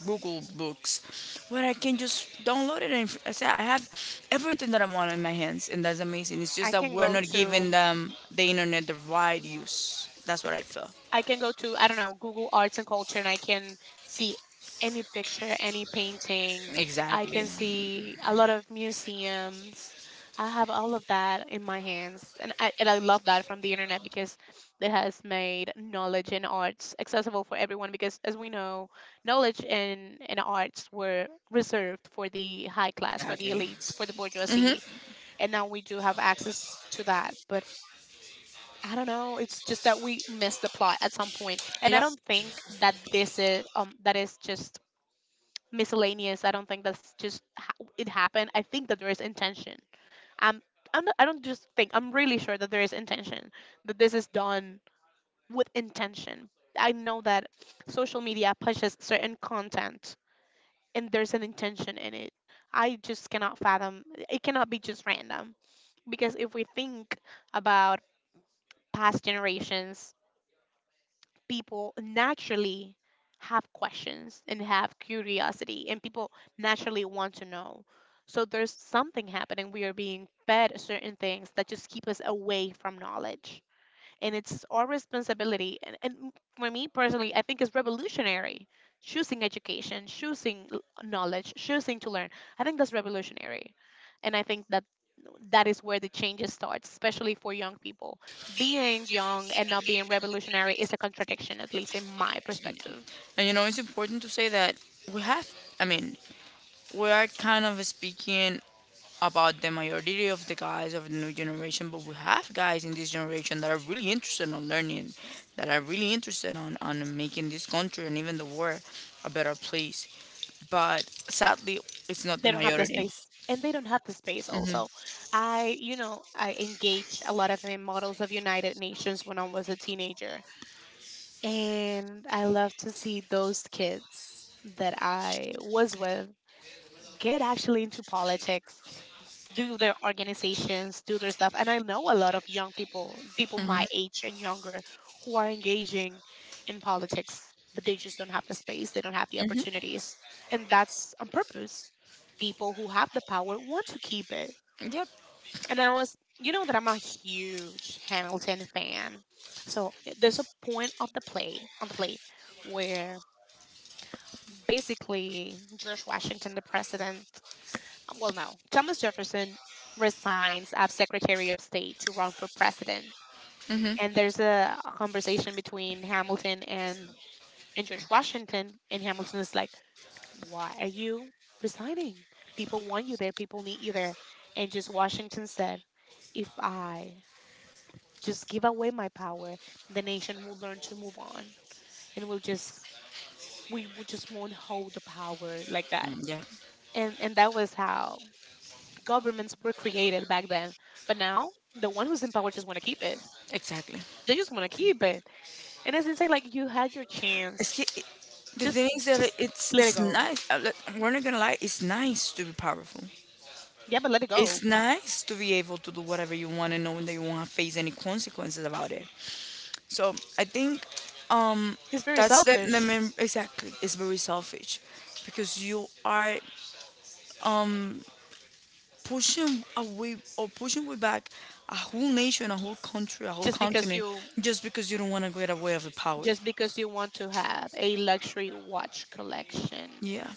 S1: Google Books, where I can just download it. And I say I have everything that I want in my hands, and that's amazing. It's
S2: I
S1: just that
S2: can
S1: we're
S2: go
S1: not giving
S2: to
S1: them the internet the right use. That's what I feel.
S2: I can go to, I don't know, Google Arts and Culture, and I can see any picture, any painting. I
S1: Exactly.
S2: can see a lot of museums. I have all of that in my hands, and I love that from the internet because it has made knowledge and arts accessible for everyone. Because as we know, knowledge and arts were reserved for the high class, for the
S1: Exactly.
S2: elites, for the
S1: Mhm.
S2: bourgeoisie, and now we do have access to that. But I don't know. It's just that we missed the plot at some point, and I
S1: Yep.
S2: don't think that this is— that is just miscellaneous. I don't think that's just it happened. I think that there is intention. I'm I'm not, I don't just think. I'm really sure that there is intention. That this is done with intention. I know that social media pushes certain content, and there's an intention in it. I just cannot fathom. It cannot be just random, because if we think about past generations, people naturally have questions and have curiosity, and people naturally want to know. So there's something happening. We are being fed certain things that just keep us away from knowledge, and it's our responsibility, and for me personally, I think it's revolutionary: choosing education, choosing knowledge, choosing to learn. I think that's revolutionary, and I think that that is where the changes starts, especially for young people. Being young and not being revolutionary is a contradiction, at least in my perspective.
S1: It's important to say that we have, I mean, we are kind of speaking about the majority of the guys of the new generation, but we have guys in this generation that are really interested on learning, that are really interested on making this country and even the world a better place. But sadly, it's not the
S2: They don't have the
S1: majority.
S2: space, and they don't have the space also. I you know i engaged a lot of in models of United Nations when I was a teenager, and I love to see those kids that I was with get actually into politics, do their organizations, do their stuff. And I know a lot of young people, people my age and younger, who are engaging in politics, but they just don't have the space, they don't have the opportunities. And that's on purpose. People who have the power want to keep it.
S1: Yep.
S2: And I was, you know, that I'm a huge Hamilton fan. So there's a point of the play, on the play, where basically George Washington, the president— well, no. Thomas Jefferson resigns as Secretary of State to run for president.
S1: Mm-hmm.
S2: And there's a conversation between Hamilton and George Washington. And Hamilton is like, why are you resigning? People want you there. People need you there. And just Washington said, if I just give away my power, the nation will learn to move on. And we will just won't hold the power like that.
S1: Yeah.
S2: And that was how governments were created back then. But now, the one who's in power just want to keep it.
S1: Exactly.
S2: They just want to keep it, and it's insane. Like you had your
S1: It's,
S2: chance,
S1: ki- it, the
S2: just
S1: thing is that
S2: just
S1: it's
S2: let it
S1: it's
S2: go.
S1: nice. Like, we're not gonna lie. It's nice to be powerful.
S2: Yeah, but let it
S1: It's
S2: go.
S1: nice to be able to do whatever you want and knowing that you won't face any consequences about it. So I think um,
S2: It's very
S1: that's the
S2: selfish.
S1: main, exactly. It's very selfish because you are pushing away or pushing way back a whole nation, a whole country, a whole
S2: Just because
S1: continent
S2: you
S1: just because you don't want to get away of the power.
S2: just because you want to have a luxury watch collection.
S1: Yeah,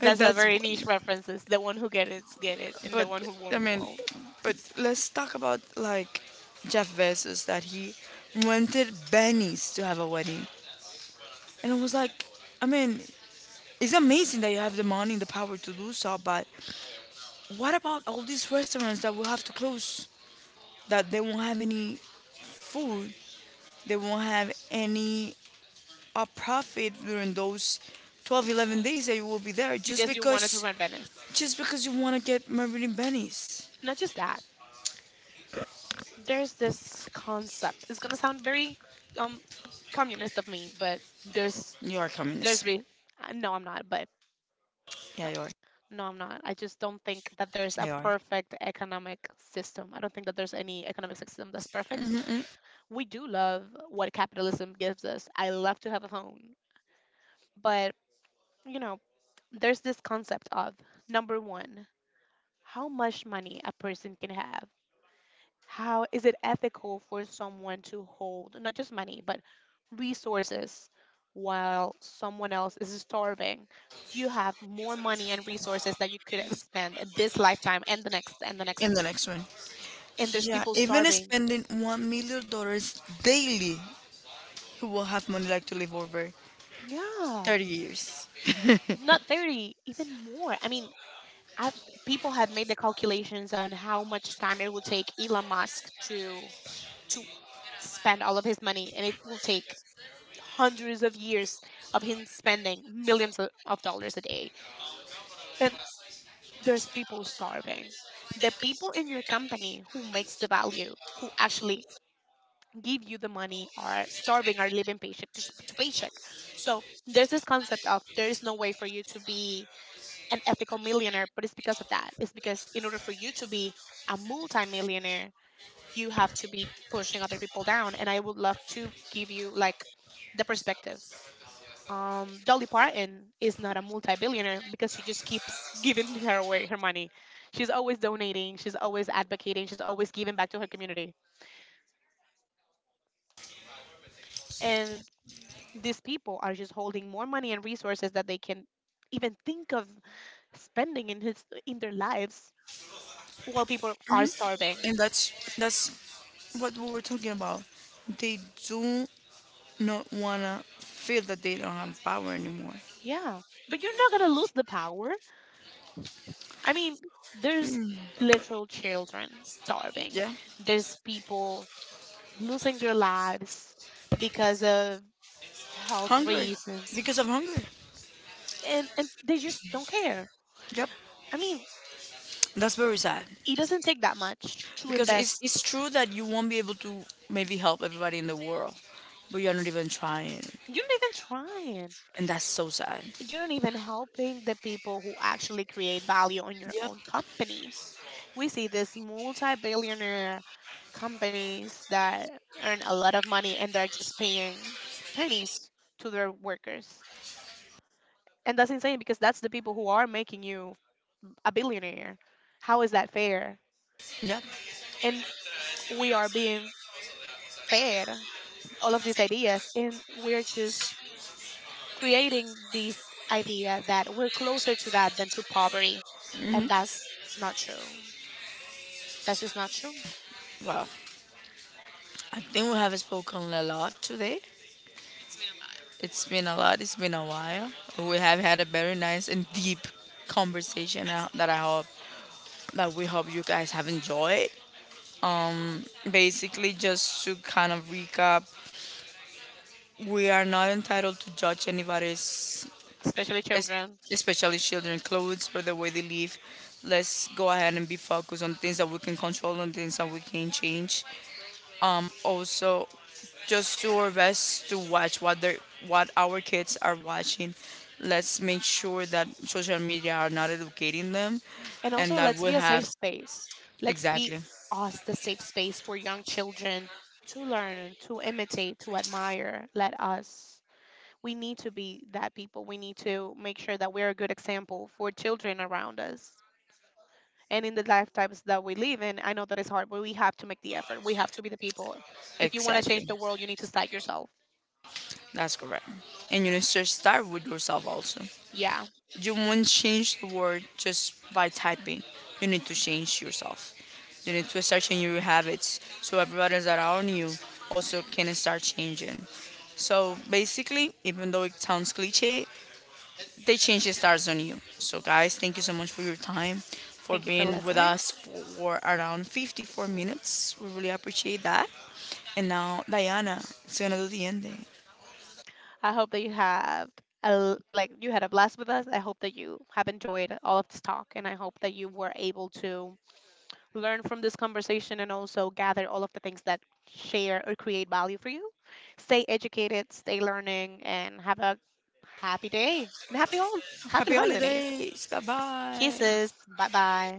S1: and
S2: a
S1: that's
S2: very niche
S1: one.
S2: references. The one who get it, and the
S1: But
S2: one who
S1: I
S2: won't,
S1: mean,
S2: won't.
S1: but let's talk about like Jeff Bezos that he wanted Benny's to have a wedding, and it was like, I mean, it's amazing that you have the money and the power to do so, but what about all these restaurants that will have to close? That they won't have any food, they won't have any profit during those 11 days that you will be there just
S2: Because you wanted to
S1: because
S2: run Venice.
S1: you want to get married in.
S2: Not just that. There's this concept. It's gonna sound very um communist of me, but there's
S1: You are
S2: there's
S1: communist.
S2: re- no, I'm not. But
S1: Yeah,
S2: uh,
S1: you are.
S2: no, I'm not. I just don't think that there's
S1: Yeah,
S2: a
S1: you are.
S2: perfect economic system. I don't think that there's any economic system that's perfect.
S1: Mm-hmm.
S2: We do love what capitalism gives us. I love to have a phone, but you know, there's this concept of number one, how much money a person can have. How is it ethical for someone to hold not just money, but resources while someone else is starving? You have more money and resources that you could have spent in this lifetime and the next and the
S1: In
S2: next.
S1: the next one.
S2: And there's
S1: Yeah,
S2: people
S1: even
S2: starving.
S1: spending $1 million daily, he will have money like to live over
S2: Yeah,
S1: 30 years.
S2: not 30, even more. I've, People have made the calculations on how much time it will take Elon Musk to to spend all of his money, and it will take hundreds of years of him spending millions of dollars a day. And there's people starving. The people in your company who makes the value, who actually give you the money, are starving, are living paycheck to paycheck. So there's this concept of there is no way for you to be an ethical millionaire, but it's because of that, it's because in order for you to be a multimillionaire, you have to be pushing other people down. And I would love to give you like the perspective. Dolly Parton is not a multi-billionaire because she just keeps (laughs) giving her away her money. She's always donating. She's always advocating. She's always giving back to her community. And these people are just holding more money and resources that they can even think of spending in his in their lives while people are starving.
S1: And that's what we were talking about. They do not wanna feel that they don't have power anymore.
S2: Yeah, but you're not gonna lose the power. I mean, there's literal children starving.
S1: Yeah,
S2: There's people losing their lives because of health
S1: hunger,
S2: reasons,
S1: because of hunger.
S2: and they just don't care.
S1: Yep,
S2: I mean,
S1: that's very sad.
S2: it doesn't take that much to
S1: Because it's
S2: invest.
S1: it's true that you won't be able to maybe help everybody in the world, but you're not even trying,
S2: You're not even trying.
S1: and that's so sad.
S2: You're not even helping the people who actually create value on your
S1: Yep,
S2: own companies. We see these multi-billionaire companies that earn a lot of money and they're just paying pennies to their workers, and that's insane because that's the people who are making you a billionaire. How is that fair?
S1: yep.
S2: And we are being fed all of these ideas, and we're just creating this idea that we're closer to that than to poverty, and that's not true. That's just not true.
S1: Well, I think we have spoken a lot today. It's been a lot. It's been a while. We have had a very nice and deep conversation that we hope you guys have enjoyed. Basically, just to kind of recap, we are not entitled to judge anybody's,
S2: Especially
S1: es-
S2: children.
S1: especially children clothes or the way they live. Let's go ahead and be focused on things that we can control and things that we can change. Also, just do our best to watch what our kids are watching. Let's make sure that social media are not educating them
S2: And
S1: and
S2: also,
S1: that
S2: let's
S1: we
S2: be a
S1: have
S2: safe space. Let's be
S1: exactly.
S2: us the safe space for young children to learn, to imitate, to admire. Let us, we need to be that people. We need to make sure that we're a good example for children around us, and in the lifetimes that we live in. I know that it's hard, but we have to make the effort. We have to be the people. If you want to change the
S1: Exactly.
S2: world, you need to start yourself.
S1: That's correct. And you need to start with yourself also.
S2: Yeah,
S1: You won't change the world just by typing. You need to change yourself. You need to start changing your habits so everybody that are on you also can start changing. So basically, even though it sounds cliche, they change the stars on you. So guys, thank you so much for your time, for
S2: thank you for
S1: being with
S2: listening.
S1: us for around 54 minutes. We really appreciate that. And now Diana, it's gonna do the ending.
S2: I hope that you have like you had a blast with us. I hope that you have enjoyed all of this talk, and I hope that you were able to learn from this conversation and also gather all of the things that share or create value for you. Stay educated, stay learning, and have a happy day and happy
S1: Happy
S2: holidays.
S1: holidays. Bye-bye.
S2: Kisses, bye bye.